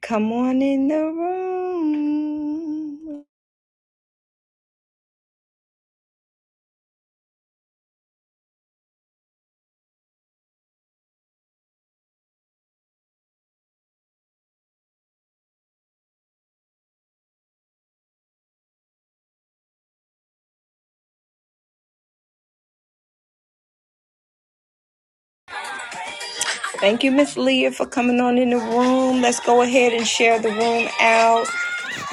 Come on in the room. Thank you, Miss Leah, for coming on in the room. Let's go ahead and share the room out.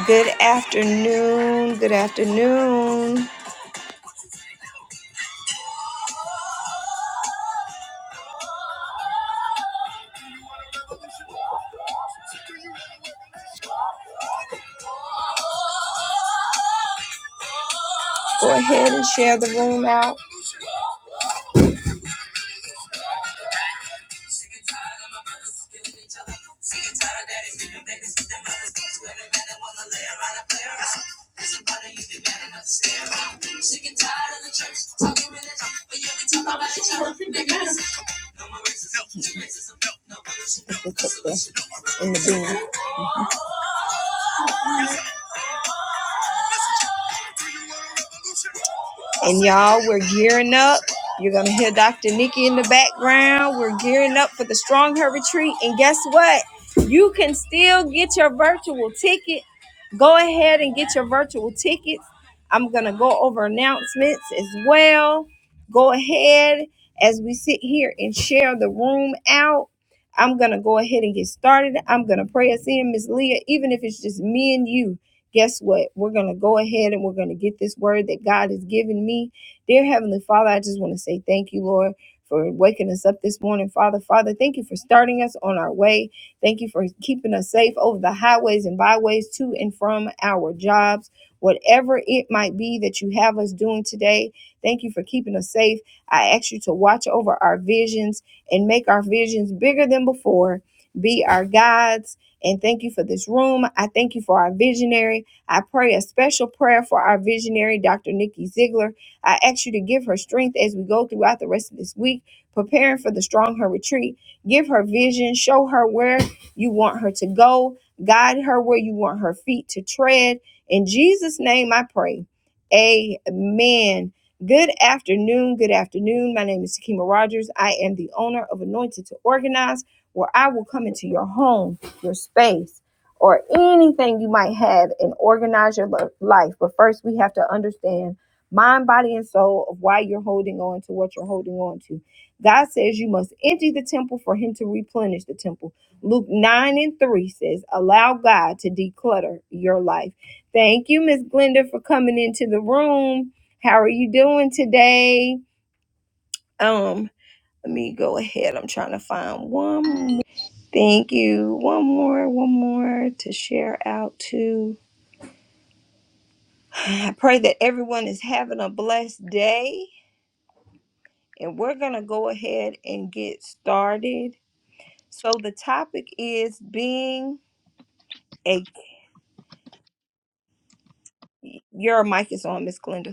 Good afternoon. Good afternoon. Go ahead and share the room out. Sick and tired of my brothers killing each other. Sick and tired of daddies giving babies to their mothers. Swear to God, they wanna lay around and play around. There's somebody you be mad enough to stay around. Sick and tired of the church talking religion, but yet we talk about each other. Niggas, no more racism, no racism, no bullshit, no. And y'all, we're gearing up. You're gonna hear Dr. Nikki in the background. We're gearing up for the Strong Her Retreat, and guess what? You can still get your virtual ticket Go ahead and get your virtual tickets. I'm going to go over announcements as well. Go ahead as we sit here and share the room out. I'm going to go ahead and get started. I'm going to pray us in, Miss Leah, even if it's just me and you. Guess what? We're going to go ahead and we're going to get this word that God has given me. Dear Heavenly Father, I just want to say thank you, Lord, for waking us up this morning, Father. Father, thank you for starting us on our way. Thank you for keeping us safe over the highways and byways to and from our jobs. Whatever it might be that you have us doing today, thank you for keeping us safe. I ask you to watch over our visions and make our visions bigger than before. Be our guides. And thank you for this room. I thank you for our visionary. I pray a special prayer for our visionary, Dr. Nikki Ziegler. I ask you to give her strength as we go throughout the rest of this week, preparing for the Strong Her Retreat. Give her vision, show her where you want her to go. Guide her where you want her feet to tread. In Jesus' name I pray. Amen. Good afternoon. Good afternoon. My name is Takima Rogers. I am the owner of Anointed to Organize, where I will come into your home, your space, or anything you might have and organize your life. But first, we have to understand mind, body, and soul of why you're holding on to what you're holding on to. God says you must empty the temple for Him to replenish the temple. Luke 9 and 3 says, Allow God to declutter your life. Thank you, Miss Glenda, for coming into the room. How are you doing today? Um, let me go ahead. I'm trying to find one more. Thank you. One more, one more to share out to. I pray that everyone is having a blessed day. And we're going to go ahead and get started. So the topic is being a. Your mic is on, Miss Glenda.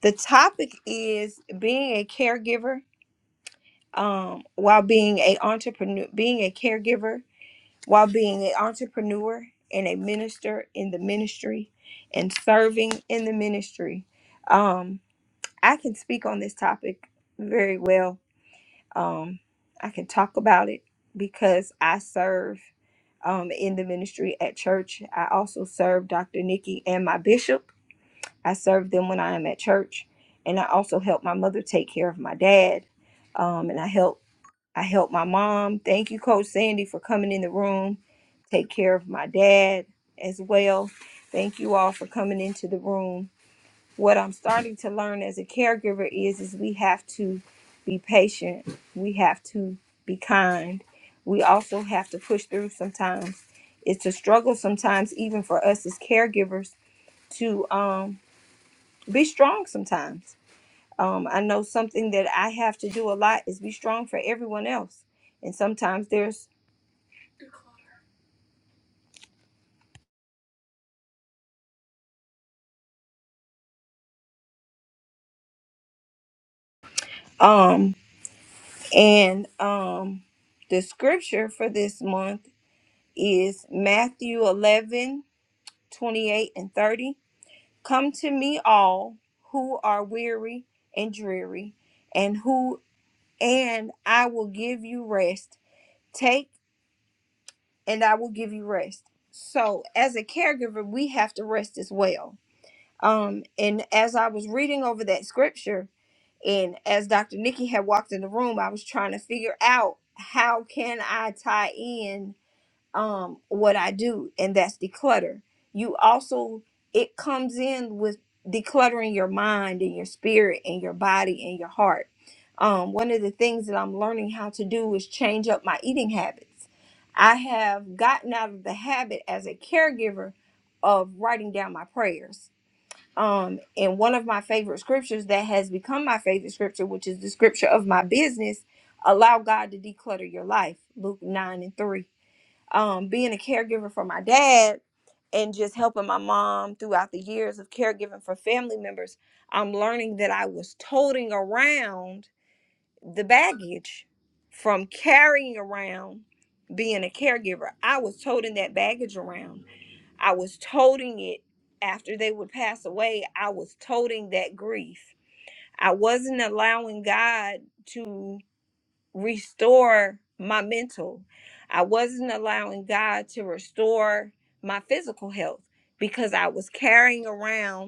The topic is being a caregiver um, while being a entrepreneur, being a caregiver while being an entrepreneur and a minister in the ministry and serving in the ministry. Um, I can speak on this topic very well. Um, I can talk about it because I serve um, in the ministry at church. I also serve Dr. Nikki and my bishop I serve them when I am at church, and I also help my mother take care of my dad. Um, and I help I help my mom. Thank you, Coach Sandy, for coming in the room, take care of my dad as well. Thank you all for coming into the room. What I'm starting to learn as a caregiver is is we have to be patient. We have to be kind. We also have to push through sometimes. It's a struggle sometimes, even for us as caregivers, to um be strong sometimes. Um, I know something that I have to do a lot is be strong for everyone else. And sometimes there's um and um the scripture for this month is Matthew 11 28 and 30. Come to me all who are weary and dreary and who and I will give you rest. Take and I will give you rest. So as a caregiver, we have to rest as well Um, and as I was reading over that scripture, and as Dr. Nikki had walked in the room, I was trying to figure out how can I tie in um what I do, and that's declutter. You also it comes in with decluttering your mind and your spirit and your body and your heart. Um, one of the things that I'm learning how to do is change up my eating habits. I have gotten out of the habit as a caregiver of writing down my prayers um and one of my favorite scriptures that has become my favorite scripture which is the scripture of my business allow god to declutter your life luke 9 and 3 um being a caregiver for my dad and just helping my mom throughout the years of caregiving for family members i'm learning that i was toting around the baggage from carrying around being a caregiver i was toting that baggage around I was toting it after they would pass away. I was toting that grief. I wasn't allowing God to restore my mental. I wasn't allowing God to restore my physical health because I was carrying around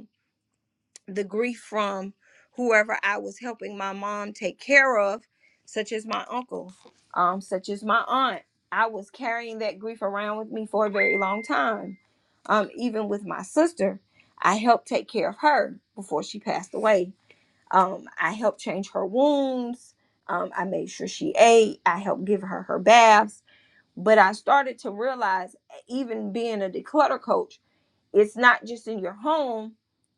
the grief from whoever I was helping my mom take care of, such as my uncle, um, such as my aunt. I was carrying that grief around with me for a very long time. Um, even with my sister, I helped take care of her before she passed away. Um, I helped change her wounds. Um, I made sure she ate. I helped give her her baths. But I started to realize, even being a declutter coach, it's not just in your home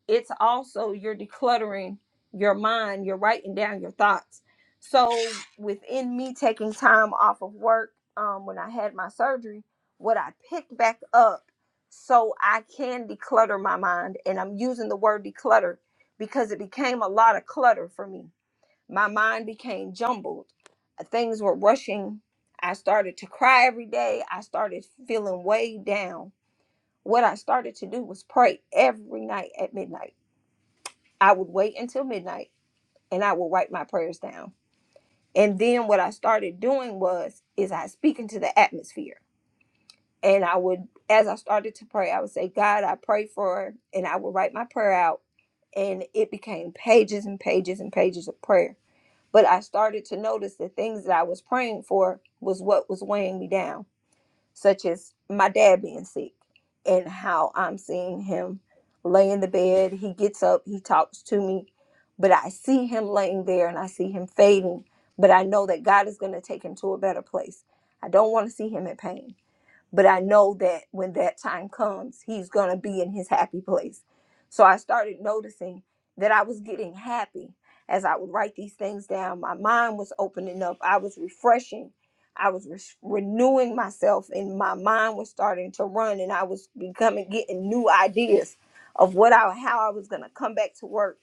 it's also you're decluttering your mind you're writing down your thoughts so within me taking time off of work um, when i had my surgery what i picked back up so i can declutter my mind and i'm using the word declutter because it became a lot of clutter for me my mind became jumbled Uh, things were rushing i started to cry every day i started feeling weighed down what I started to do was pray every night at midnight. I would wait until midnight and I would write my prayers down. And then what I started doing was is I speak into the atmosphere. And I would as I started to pray, I would say, God, I pray for and I would write my prayer out. And it became pages and pages and pages of prayer. But I started to notice the things that I was praying for was what was weighing me down such as my dad being sick and how I'm seeing him lay in the bed. He gets up, he talks to me, but I see him laying there and I see him fading. But I know that God is going to take him to a better place. I don't want to see him in pain but I know that when that time comes, he's going to be in his happy place. So I started noticing that I was getting happy as I would write these things down. My mind was opening up, I was refreshing, I was re- renewing myself, and my mind was starting to run, and I was becoming getting new ideas of what I how I was going to come back to work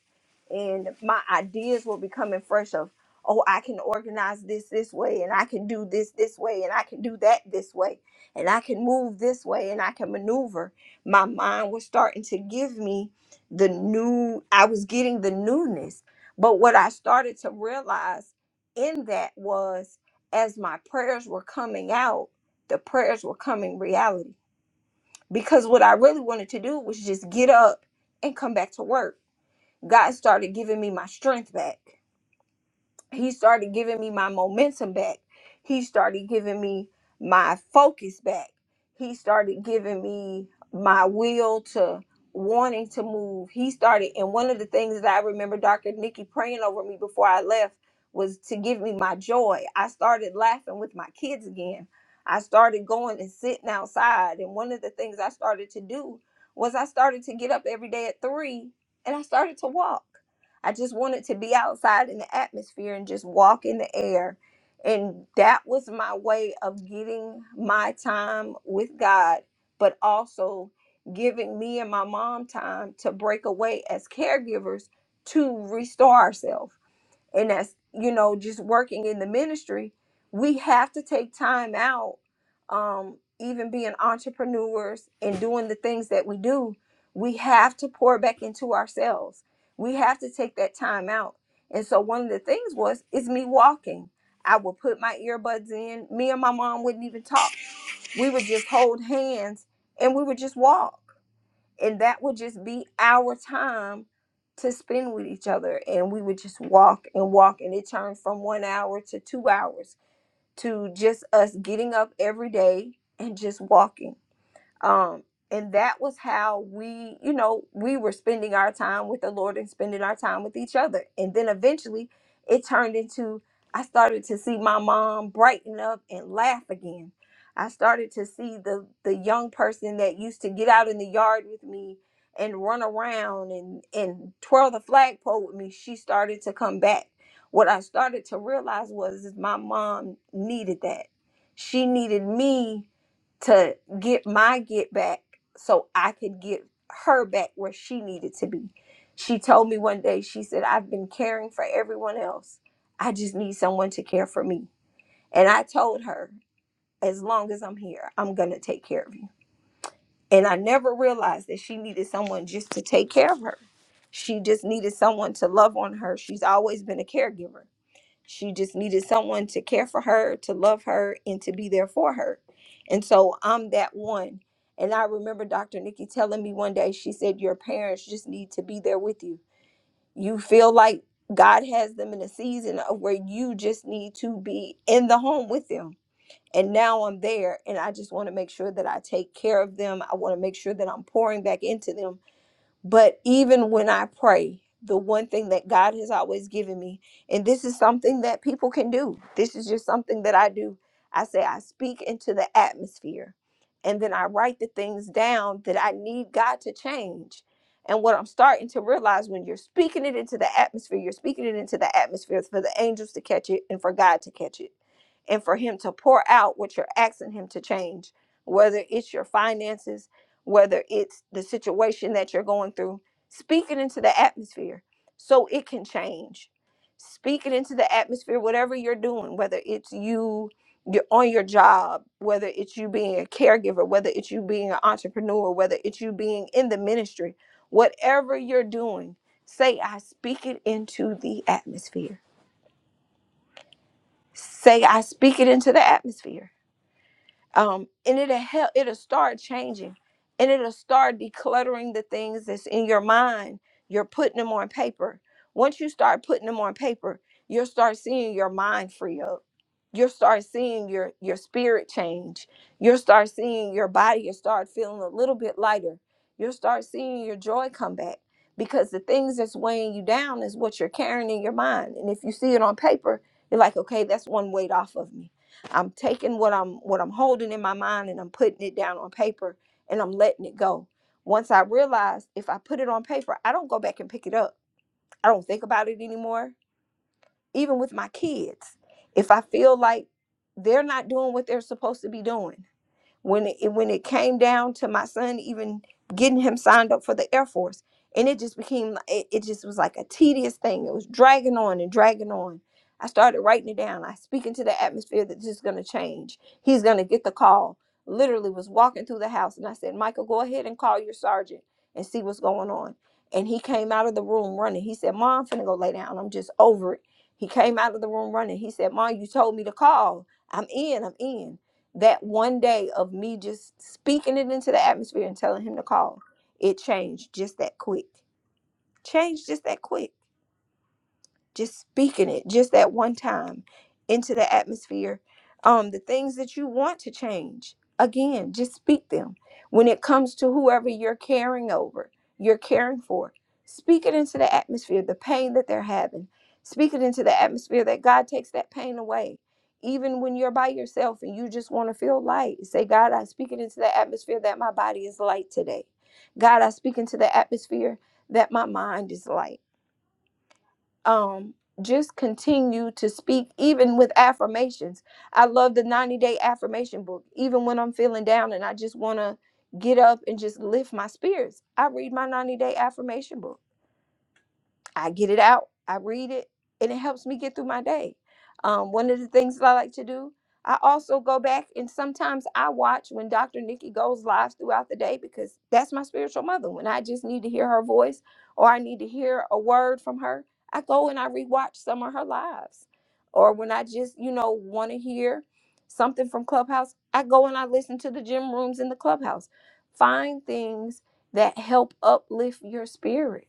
and my ideas were becoming fresh of oh i can organize this this way and i can do this this way and i can do that this way and i can move this way and i can maneuver my mind was starting to give me the new i was getting the newness but what i started to realize in that was as my prayers were coming out the prayers were coming reality because what i really wanted to do was just get up and come back to work God started giving me my strength back. He started giving me my momentum back. He started giving me my focus back. He started giving me my will to wanting to move. He started, and one of the things that I remember Dr. Nikki praying over me before I left was to give me my joy. I started laughing with my kids again. I started going and sitting outside. And one of the things I started to do was I started to get up every day at three and I started to walk. I just wanted to be outside in the atmosphere and just walk in the air. And that was my way of getting my time with God, but also giving me and my mom time to break away as caregivers to restore ourselves and that's you know just working in the ministry we have to take time out um even being entrepreneurs and doing the things that we do we have to pour back into ourselves we have to take that time out and so one of the things was is me walking i would put my earbuds in me and my mom wouldn't even talk we would just hold hands and we would just walk and that would just be our time to spend with each other and we would just walk and walk and it turned from one hour to two hours to just us getting up every day and just walking um and that was how we you know we were spending our time with the lord and spending our time with each other and then eventually it turned into i started to see my mom brighten up and laugh again i started to see the the young person that used to get out in the yard with me and run around and and twirl the flagpole with me she started to come back what i started to realize was is my mom needed that she needed me to get my get back so I could get her back where she needed to be. She told me one day, she said, I've been caring for everyone else. I just need someone to care for me. And I told her, as long as I'm here, I'm going to take care of you. And I never realized that she needed someone just to take care of her. She just needed someone to love on her. She's always been a caregiver. She just needed someone to care for her, to love her, and to be there for her. And so I'm that one. And I remember Dr. Nikki telling me one day, she said, Your parents just need to be there with you. You feel like God has them in a season of where you just need to be in the home with them. And now I'm there, and I just want to make sure that I take care of them. I want to make sure that I'm pouring back into them but even when I pray, the one thing that God has always given me, and this is something that people can do, this is just something that I do. I say, I speak into the atmosphere, and then I write the things down that I need God to change. And what I'm starting to realize when you're speaking it into the atmosphere, you're speaking it into the atmosphere for the angels to catch it and for God to catch it and for Him to pour out what you're asking Him to change, whether it's your finances, whether it's the situation that you're going through, speak it into the atmosphere so it can change. Speak it into the atmosphere, whatever you're doing, whether it's you you're on your job, whether it's you being a caregiver, whether it's you being an entrepreneur, whether it's you being in the ministry, whatever you're doing, say, I speak it into the atmosphere. Say, I speak it into the atmosphere um, and it'll help it'll start changing and it'll start decluttering the things that's in your mind you're putting them on paper once you start putting them on paper you'll start seeing your mind free up you'll start seeing your your spirit change you'll start seeing your body you'll start feeling a little bit lighter you'll start seeing your joy come back because the things that's weighing you down is what you're carrying in your mind and if you see it on paper you're like okay that's one weight off of me I'm taking what I'm what I'm holding in my mind and I'm putting it down on paper and I'm letting it go. Once I realize if I put it on paper, I don't go back and pick it up. I don't think about it anymore. Even with my kids, if I feel like they're not doing what they're supposed to be doing, when it when it came down to my son even getting him signed up for the air force and it just became it, it just was like a tedious thing it was dragging on and dragging on i started writing it down i speak into the atmosphere that this is going to change he's going to get the call literally was walking through the house and i said michael go ahead and call your sergeant and see what's going on and he came out of the room running he said mom i'm finna go lay down i'm just over it he came out of the room running he said mom you told me to call i'm in i'm in that one day of me just speaking it into the atmosphere and telling him to call, it changed just that quick. Changed just that quick just speaking it just that one time into the atmosphere um the things that you want to change again just speak them when it comes to whoever you're caring over you're caring for speak it into the atmosphere the pain that they're having speak it into the atmosphere that god takes that pain away even when you're by yourself and you just want to feel light say god i speak it into the atmosphere that my body is light today god i speak into the atmosphere that my mind is light um just continue to speak even with affirmations i love the 90 day affirmation book even when i'm feeling down and i just want to get up and just lift my spirits i read my 90 day affirmation book I get it out, I read it, and it helps me get through my day. Um, one of the things that I like to do, I also go back and sometimes I watch when Dr. Nikki goes live throughout the day because that's my spiritual mother. When I just need to hear her voice or I need to hear a word from her, I go and I rewatch some of her lives. Or when I just, you know, want to hear something from Clubhouse, I go and I listen to the gym rooms in the Clubhouse. Find things that help uplift your spirit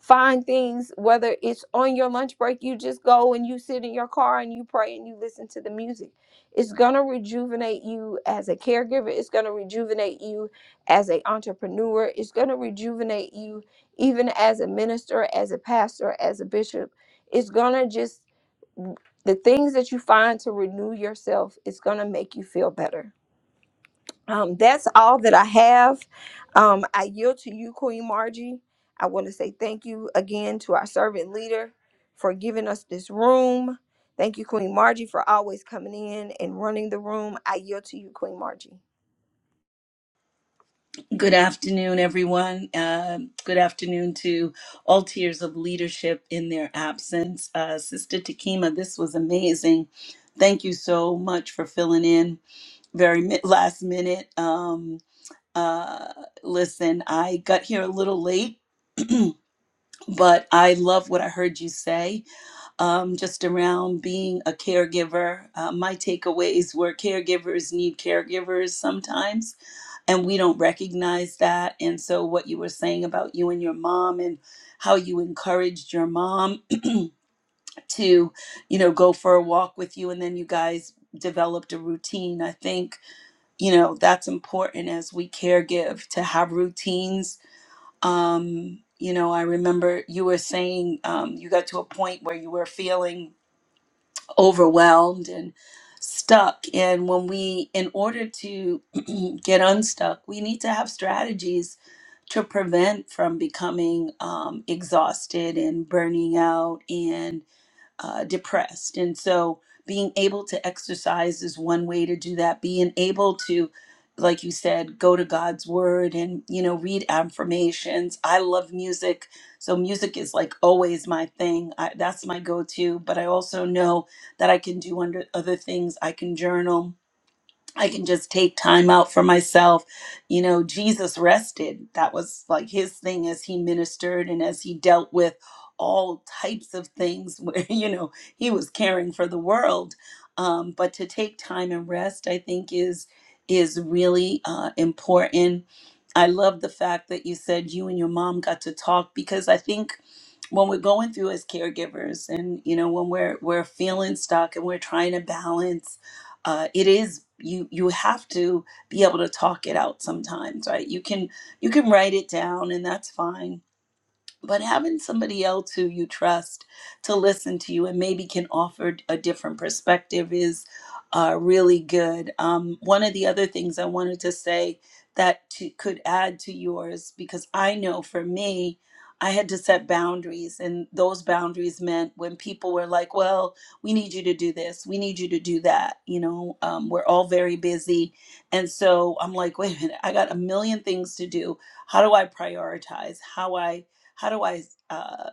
find things whether it's on your lunch break you just go and you sit in your car and you pray and you listen to the music it's going to rejuvenate you as a caregiver it's going to rejuvenate you as an entrepreneur it's going to rejuvenate you even as a minister as a pastor as a bishop it's going to just the things that you find to renew yourself It's going to make you feel better um, that's all that I have. Um, I yield to you, Queen Margie. I want to say thank you again to our servant leader for giving us this room. Thank you, Queen Margie, for always coming in and running the room. I yield to you, Queen Margie. Good afternoon, everyone. Uh, good afternoon to all tiers of leadership in their absence. Uh, Sister Takima, this was amazing. Thank you so much for filling in very mi- last minute. Um, uh, listen, I got here a little late, but I love what I heard you say um, just around being a caregiver. Uh, my takeaways were caregivers need caregivers sometimes and we don't recognize that and so what you were saying about you and your mom and how you encouraged your mom to you know go for a walk with you and then you guys developed a routine i think you know that's important as we care give to have routines um you know i remember you were saying um, you got to a point where you were feeling overwhelmed and stuck and when we in order to get unstuck we need to have strategies to prevent from becoming um, exhausted and burning out and uh, depressed. And so, being able to exercise is one way to do that. Being able to, like you said, go to God's word and, you know, read affirmations. I love music. So, music is like always my thing. I, that's my go to. But I also know that I can do under other things. I can journal. I can just take time out for myself. You know, Jesus rested. That was like his thing as he ministered and as he dealt with all types of things where, you know, he was caring for the world. Um, but to take time and rest, I think, is is really uh, important I love the fact that you said you and your mom got to talk because I think when we're going through as caregivers and you know when we're we're feeling stuck and we're trying to balance uh, it is you you have to be able to talk it out sometimes right you can you can write it down and that's fine but having somebody else who you trust to listen to you and maybe can offer a different perspective is uh, really good. Um, one of the other things I wanted to say that to, could add to yours, because I know for me, I had to set boundaries, and those boundaries meant when people were like, Well, we need you to do this, we need you to do that. You know, um, we're all very busy. And so I'm like, Wait a minute, I got a million things to do. How do I prioritize? How I how do I uh,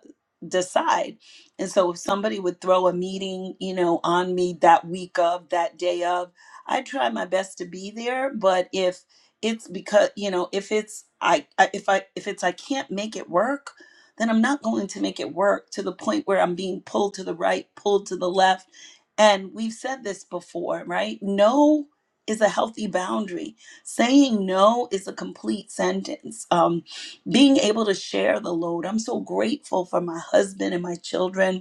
decide? And so if somebody would throw a meeting, you know, on me that week of, that day of, I try my best to be there. But if it's because, you know, if it's I, I if I if it's I can't make it work, then I'm not going to make it work to the point where I'm being pulled to the right, pulled to the left. And we've said this before, right? No is a healthy boundary. Saying no is a complete sentence. Um, being able to share the load. I'm so grateful for my husband and my children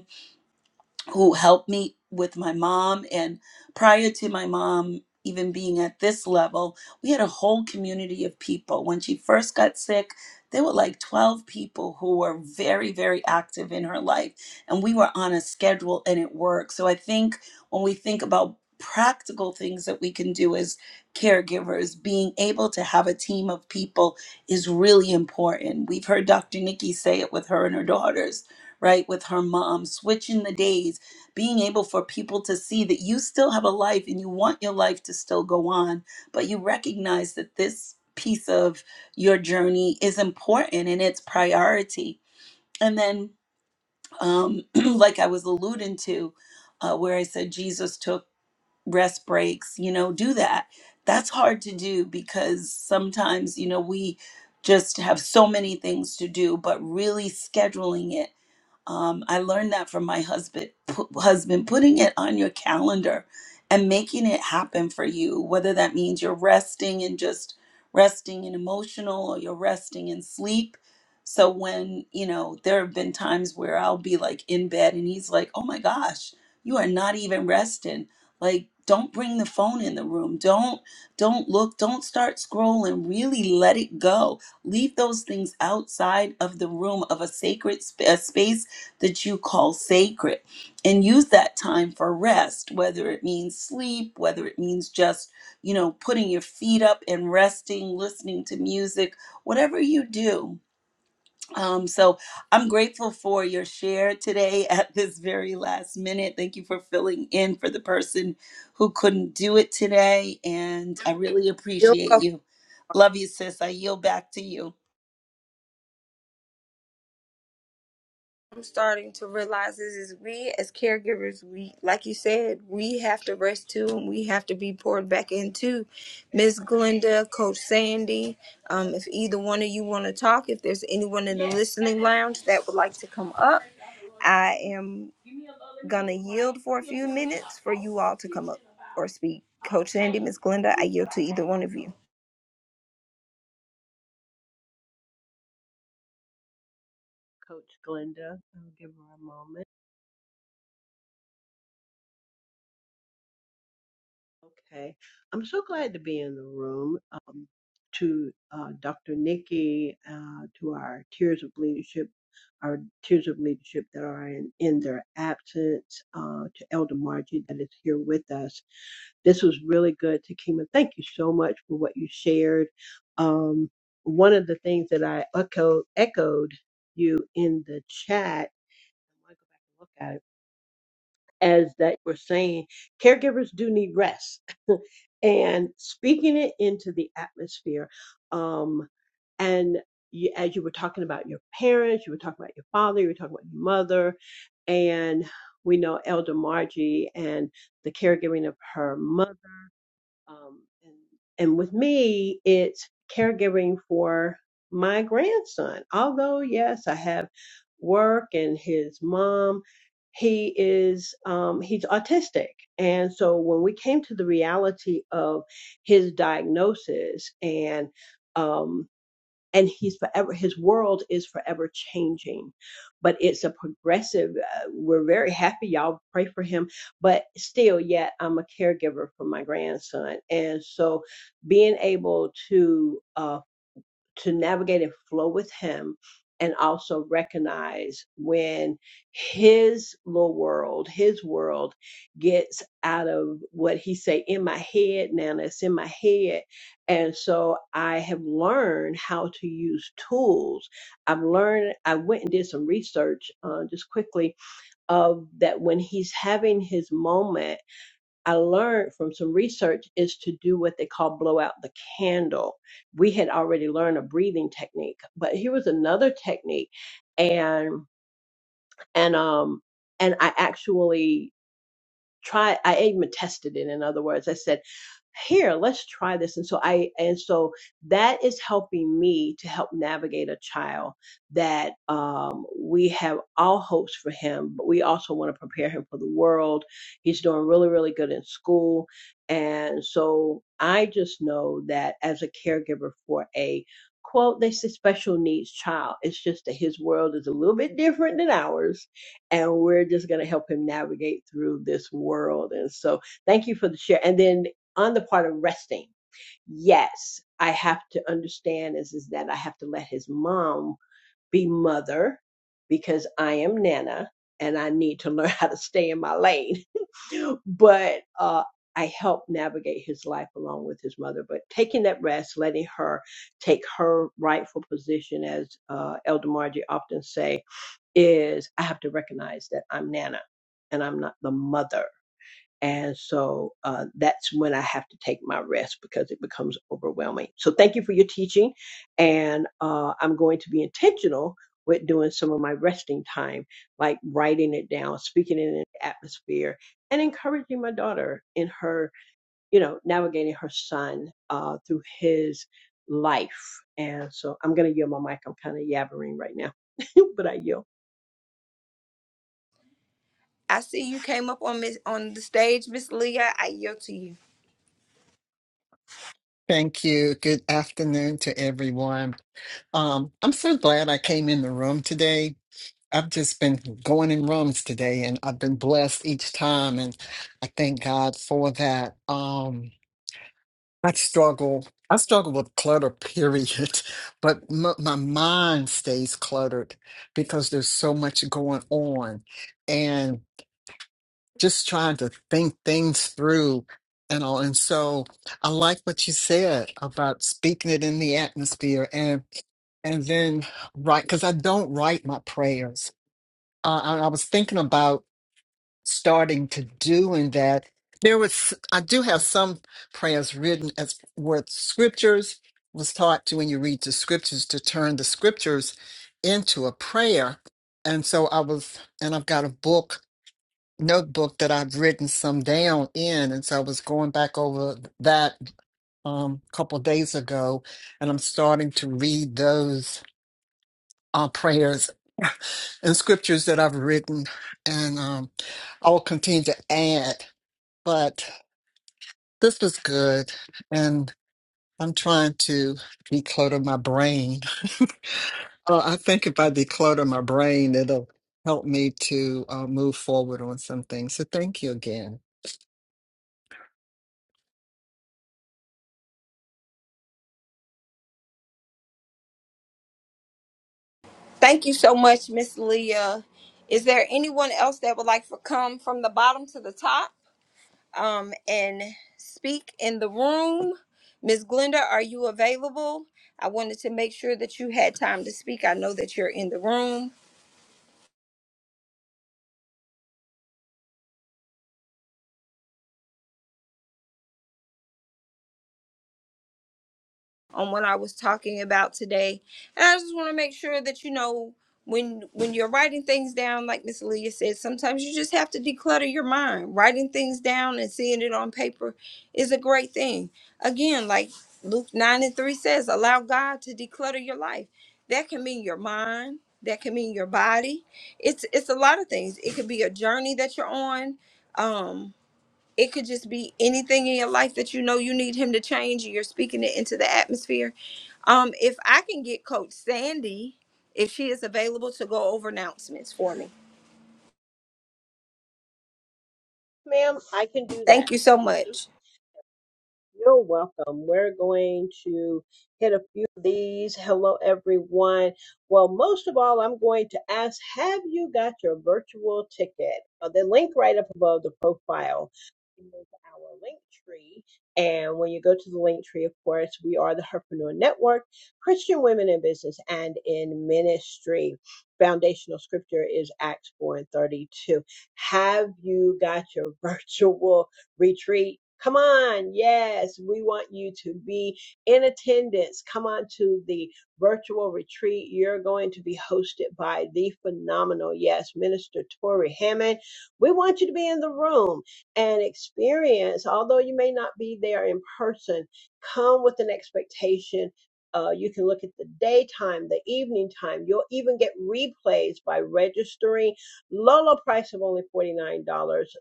who helped me with my mom. And prior to my mom even being at this level, we had a whole community of people. When she first got sick, there were like 12 people who were very, very active in her life. And we were on a schedule and it worked. So I think when we think about practical things that we can do as caregivers, being able to have a team of people is really important. We've heard Dr. Nikki say it with her and her daughters right with her mom switching the days being able for people to see that you still have a life and you want your life to still go on, but you recognize that this piece of your journey is important and it's priority. And then, um, like I was alluding to, uh, where I said Jesus took rest breaks, you know, do that. That's hard to do because sometimes, you know, we just have so many things to do, but really scheduling it um, I learned that from my husband. Pu- husband putting it on your calendar and making it happen for you, whether that means you're resting and just resting in emotional, or you're resting in sleep. So when you know there have been times where I'll be like in bed and he's like, "Oh my gosh, you are not even resting. Like, don't bring the phone in the room. Don't don't look. Don't start scrolling. Really let it go. Leave those things outside of the room of a sacred sp- a space." that you call sacred and use that time for rest, whether it means sleep, whether it means just, you know, putting your feet up and resting, listening to music, whatever you do. Um, so I'm grateful for your share today at this very last minute. Thank you for filling in for the person who couldn't do it today. And I really appreciate you. Love you, sis. I yield back to you. I'm starting to realize this is we as caregivers, we like you said, we have to rest too and we have to be poured back into. Miss Glenda, Coach Sandy, um, if either one of you want to talk, if there's anyone in the listening lounge that would like to come up, I am gonna yield for a few minutes for you all to come up or speak. Coach Sandy, Miss Glenda, I yield to either one of you. Coach Glenda. I'll give her a moment. Okay. I'm so glad to be in the room. Um, to uh, Dr. Nikki, uh, to our Tears of Leadership, our Tears of Leadership that are in, in their absence, uh, to Elder Margie that is here with us. This was really good. To Kima, thank you so much for what you shared. Um, one of the things that I echo, echoed you in the chat, as that we're saying, caregivers do need rest. and speaking it into the atmosphere. Um, and you, as you were talking about your parents, you were talking about your father, you were talking about your mother, and we know Elder Margie and the caregiving of her mother. Um, and, and with me, it's caregiving for my grandson. Although, yes, I have work and his mom, he is, um, he's autistic. And so when we came to the reality of his diagnosis and, um, and he's forever his world is forever changing but it's a progressive uh, we're very happy y'all pray for him but still yet i'm a caregiver for my grandson and so being able to uh, to navigate and flow with him and also recognize when his little world his world gets out of what he say in my head now that's in my head and so i have learned how to use tools i've learned i went and did some research uh, just quickly of that when he's having his moment I learned from some research is to do what they call blow out the candle. We had already learned a breathing technique, but here was another technique and and um and I actually try i even tested it in other words i said here let's try this and so i and so that is helping me to help navigate a child that um, we have all hopes for him but we also want to prepare him for the world he's doing really really good in school and so i just know that as a caregiver for a quote they say special needs child it's just that his world is a little bit different than ours and we're just going to help him navigate through this world. And so, thank you for the share. And then on the part of resting, yes, I have to understand is, is that I have to let his mom be mother because I am Nana and I need to learn how to stay in my lane. But uh, I help navigate his life along with his mother. But taking that rest, letting her take her rightful position, as uh, Elder Margie often say, is I have to recognize that I'm Nana and I'm not the mother. And so uh, that's when I have to take my rest because it becomes overwhelming. So thank you for your teaching. And uh, I'm going to be intentional with doing some of my resting time, like writing it down, speaking it in an atmosphere, and encouraging my daughter in her, you know, navigating her son uh, through his life. And so I'm going to yield my mic. I'm kind of yabbering right now, but I yield. I see you came up on Miss on the stage, Miss Leah. I yield to you. Thank you. Good afternoon to everyone. Um, I'm so glad I came in the room today. I've just been going in rooms today and I've been blessed each time and I thank God for that. Um, I struggle. I struggle with clutter, period, but m- my mind stays cluttered because there's so much going on just trying to think things through and all. And so I like what you said about speaking it in the atmosphere and and then write because I don't write my prayers. Uh, I, I was thinking about starting to doing that. There was I do have some prayers written as with scriptures was taught to when you read the scriptures to turn the scriptures into a prayer. And so I was and I've got a book notebook that I've written some down in, and so I was going back over that um, couple days ago, and I'm starting to read those uh, prayers and scriptures that I've written, and um, I will continue to add. But this was good, and I'm trying to declutter my brain Uh, I think if I declutter my brain, it'll help me to uh, move forward on some things. So thank you again. Thank you so much, Miss Leah. Is there anyone else that would like to come from the bottom to the top um, and speak in the room? Miss Glenda, are you available? I wanted to make sure that you had time to speak. I know that you're in the room. on what I was talking about today. And I just want to make sure that you know when when you're writing things down, like Miss Leah said, sometimes you just have to declutter your mind. Writing things down and seeing it on paper is a great thing. Again, like Luke 9 and 3 says, allow God to declutter your life. That can mean your mind. That can mean your body. It's it's a lot of things. It could be a journey that you're on. Um, it could just be anything in your life that you know you need him to change and you're speaking it into the atmosphere. Um, if I can get Coach Sandy, if she is available to go over announcements for me. Ma'am, I can do that. Thank you so much. You're welcome. We're going to hit a few of these. Hello, everyone. Well, most of all, I'm going to ask Have you got your virtual ticket? Uh, The link right up above the profile is our link tree. And when you go to the link tree, of course, we are the Herpreneur Network, Christian women in business and in ministry. Foundational scripture is Acts 4 and 32. Have you got your virtual? retreat. Come on. Yes, we want you to be in attendance. Come on to the virtual retreat. You're going to be hosted by the phenomenal, yes, Minister Tory Hammond. We want you to be in the room and experience, although you may not be there in person, come with an expectation. Uh, you can look at the daytime, the evening time. You'll even get replays by registering Low, low price of only $49.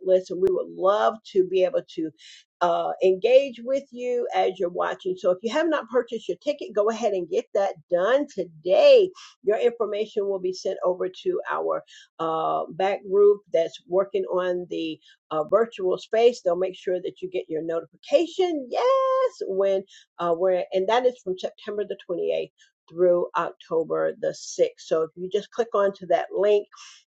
Listen, we would love to be able to uh, engage with you as you're watching. So if you have not purchased your ticket, go ahead and get that done today. Your information will be sent over to our uh, back group that's working on the uh, virtual space. They'll make sure that you get your notification. Yes, when uh, we're and that is from September the 28th through October the 6th. So if you just click onto that link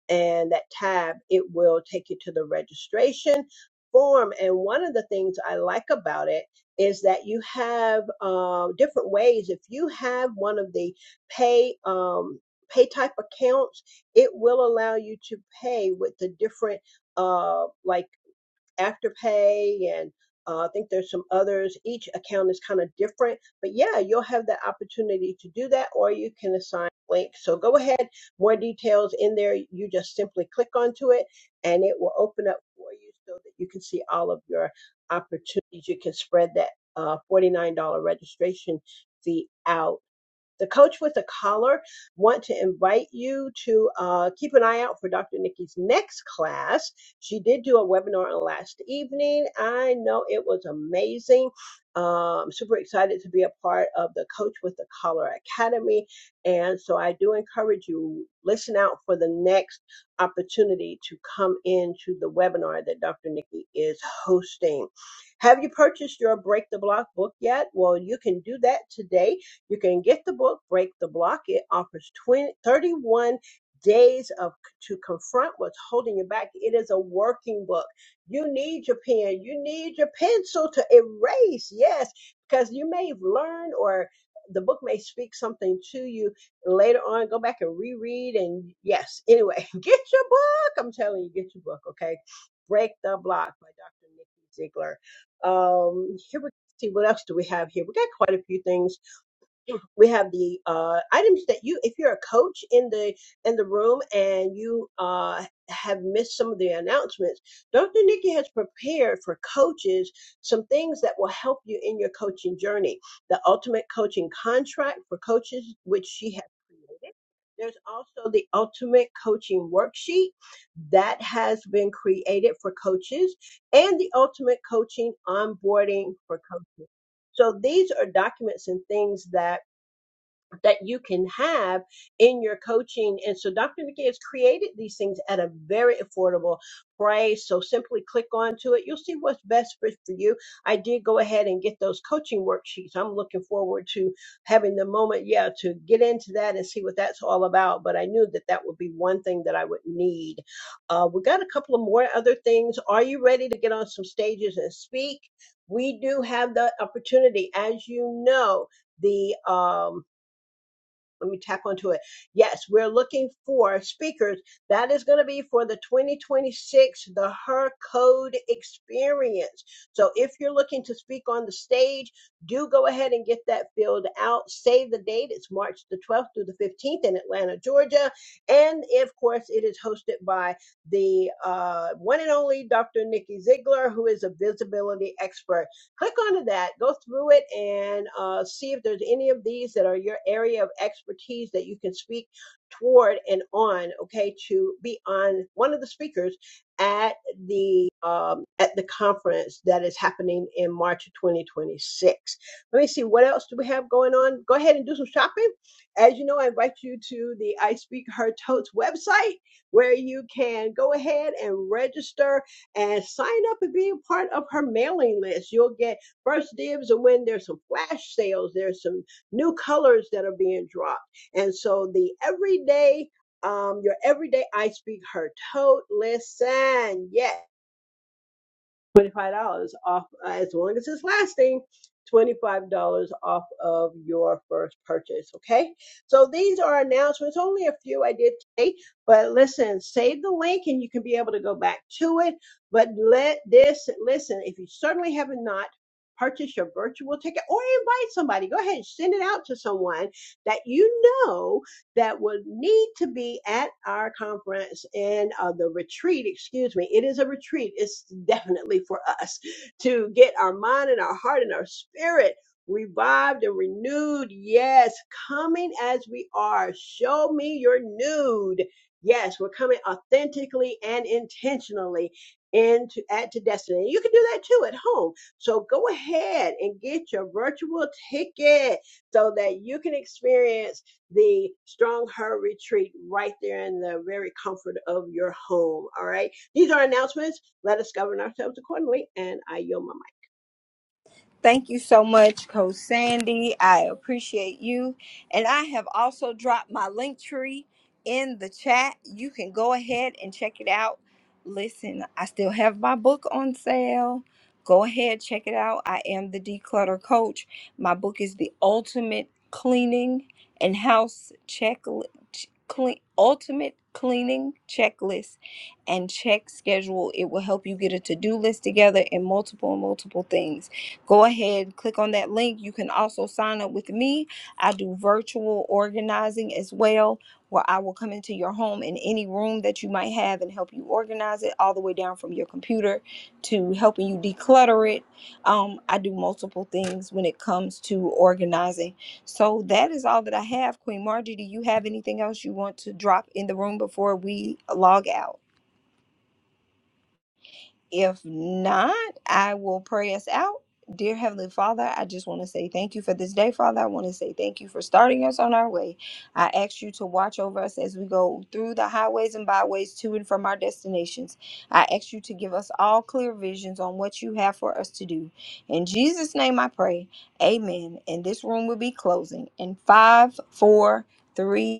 and that tab, it will take you to the registration form. And one of the things I like about it is that you have uh, different ways. If you have one of the pay um, pay type accounts, it will allow you to pay with the different uh, like Afterpay and uh, I think there's some others. Each account is kind of different, but yeah, you'll have the opportunity to do that, or you can assign a link. So go ahead, more details in there. You just simply click onto it, and it will open up for you so that you can see all of your opportunities. You can spread that uh, $49 registration fee out the coach with the collar want to invite you to uh, keep an eye out for dr nikki's next class she did do a webinar on last evening i know it was amazing uh, i'm super excited to be a part of the coach with the collar academy and so i do encourage you listen out for the next opportunity to come into the webinar that dr nikki is hosting have you purchased your break the block book yet well you can do that today you can get the book, Break the Block. It offers 20, 31 days of to confront what's holding you back. It is a working book. You need your pen. You need your pencil to erase. Yes, because you may have learned or the book may speak something to you later on. Go back and reread. And yes, anyway, get your book. I'm telling you, get your book, okay? Break the Block by Dr. Nikki Ziegler. Um, here we see what else do we have here. We got quite a few things we have the uh, items that you if you're a coach in the in the room and you uh, have missed some of the announcements dr nikki has prepared for coaches some things that will help you in your coaching journey the ultimate coaching contract for coaches which she has created there's also the ultimate coaching worksheet that has been created for coaches and the ultimate coaching onboarding for coaches so these are documents and things that that you can have in your coaching. And so Dr. Nikki has created these things at a very affordable price. So simply click onto it. You'll see what's best for, for you. I did go ahead and get those coaching worksheets. I'm looking forward to having the moment, yeah, to get into that and see what that's all about. But I knew that that would be one thing that I would need. Uh, we got a couple of more other things. Are you ready to get on some stages and speak? We do have the opportunity, as you know, the um, let me tap onto it. Yes, we're looking for speakers. That is going to be for the 2026 the Her Code Experience. So if you're looking to speak on the stage, do go ahead and get that filled out. Save the date. It's March the 12th through the 15th in Atlanta, Georgia, and of course it is hosted by the uh, one and only Dr. Nikki Ziegler, who is a visibility expert click onto that, go through it, and uh, see if there's any of these that are your area of expertise that you can speak toward and on. Okay, to be on one of the speakers at the um, at the conference that is happening in March of 2026. Let me see what else do we have going on. Go ahead and do some shopping. As you know, I invite you to the I Speak Her Totes website where you can go ahead and register and sign up and be a part of her mailing list. You'll get first dibs and when there's some flash sales, there's some new colors that are being dropped. And so the everyday um, your everyday I Speak Her tote. Listen, yes twenty-five dollars off uh, as long as it's lasting. Twenty-five dollars off of your first purchase. Okay, so these are announcements. Only a few I did today, but listen, save the link and you can be able to go back to it. But let this listen. If you certainly have not purchased your virtual ticket, or invite somebody, go ahead and send it out to someone that you know that would need to be at our conference and uh, the retreat, excuse me. It is a retreat. It's definitely for us to get our mind and our heart and our spirit revived and renewed. Yes, coming as we are. Show me your nude. Yes, we're coming authentically and intentionally into at to destiny. You can do that too at home. So go ahead and get your virtual ticket so that you can experience the Strong Her Retreat right there in the very comfort of your home. All right. These are announcements. Let us govern ourselves accordingly. And I yield my Thank you so much, Coach Sandy. I appreciate you. And I have also dropped my link tree in the chat. You can go ahead and check it out. Listen, I still have my book on sale. Go ahead, check it out. I am the declutter coach. My book is the ultimate cleaning and house check clean ultimate cleaning checklist and check schedule. It will help you get a to-do list together and multiple multiple things. Go ahead, click on that link. You can also sign up with me. I do virtual organizing as well, where I will come into your home in any room that you might have and help you organize it all the way down from your computer to helping you declutter it. Um, I do multiple things when it comes to organizing. So that is all that I have. Queen Margie, do you have anything else you want to drop in the room before we log out? If not, I will pray us out. Dear Heavenly Father, I just want to say thank you for this day, Father. I want to say thank you for starting us on our way. I ask you to watch over us as we go through the highways and byways to and from our destinations. I ask you to give us all clear visions on what you have for us to do. In Jesus' name I pray. Amen. And this room will be closing in five, four, three,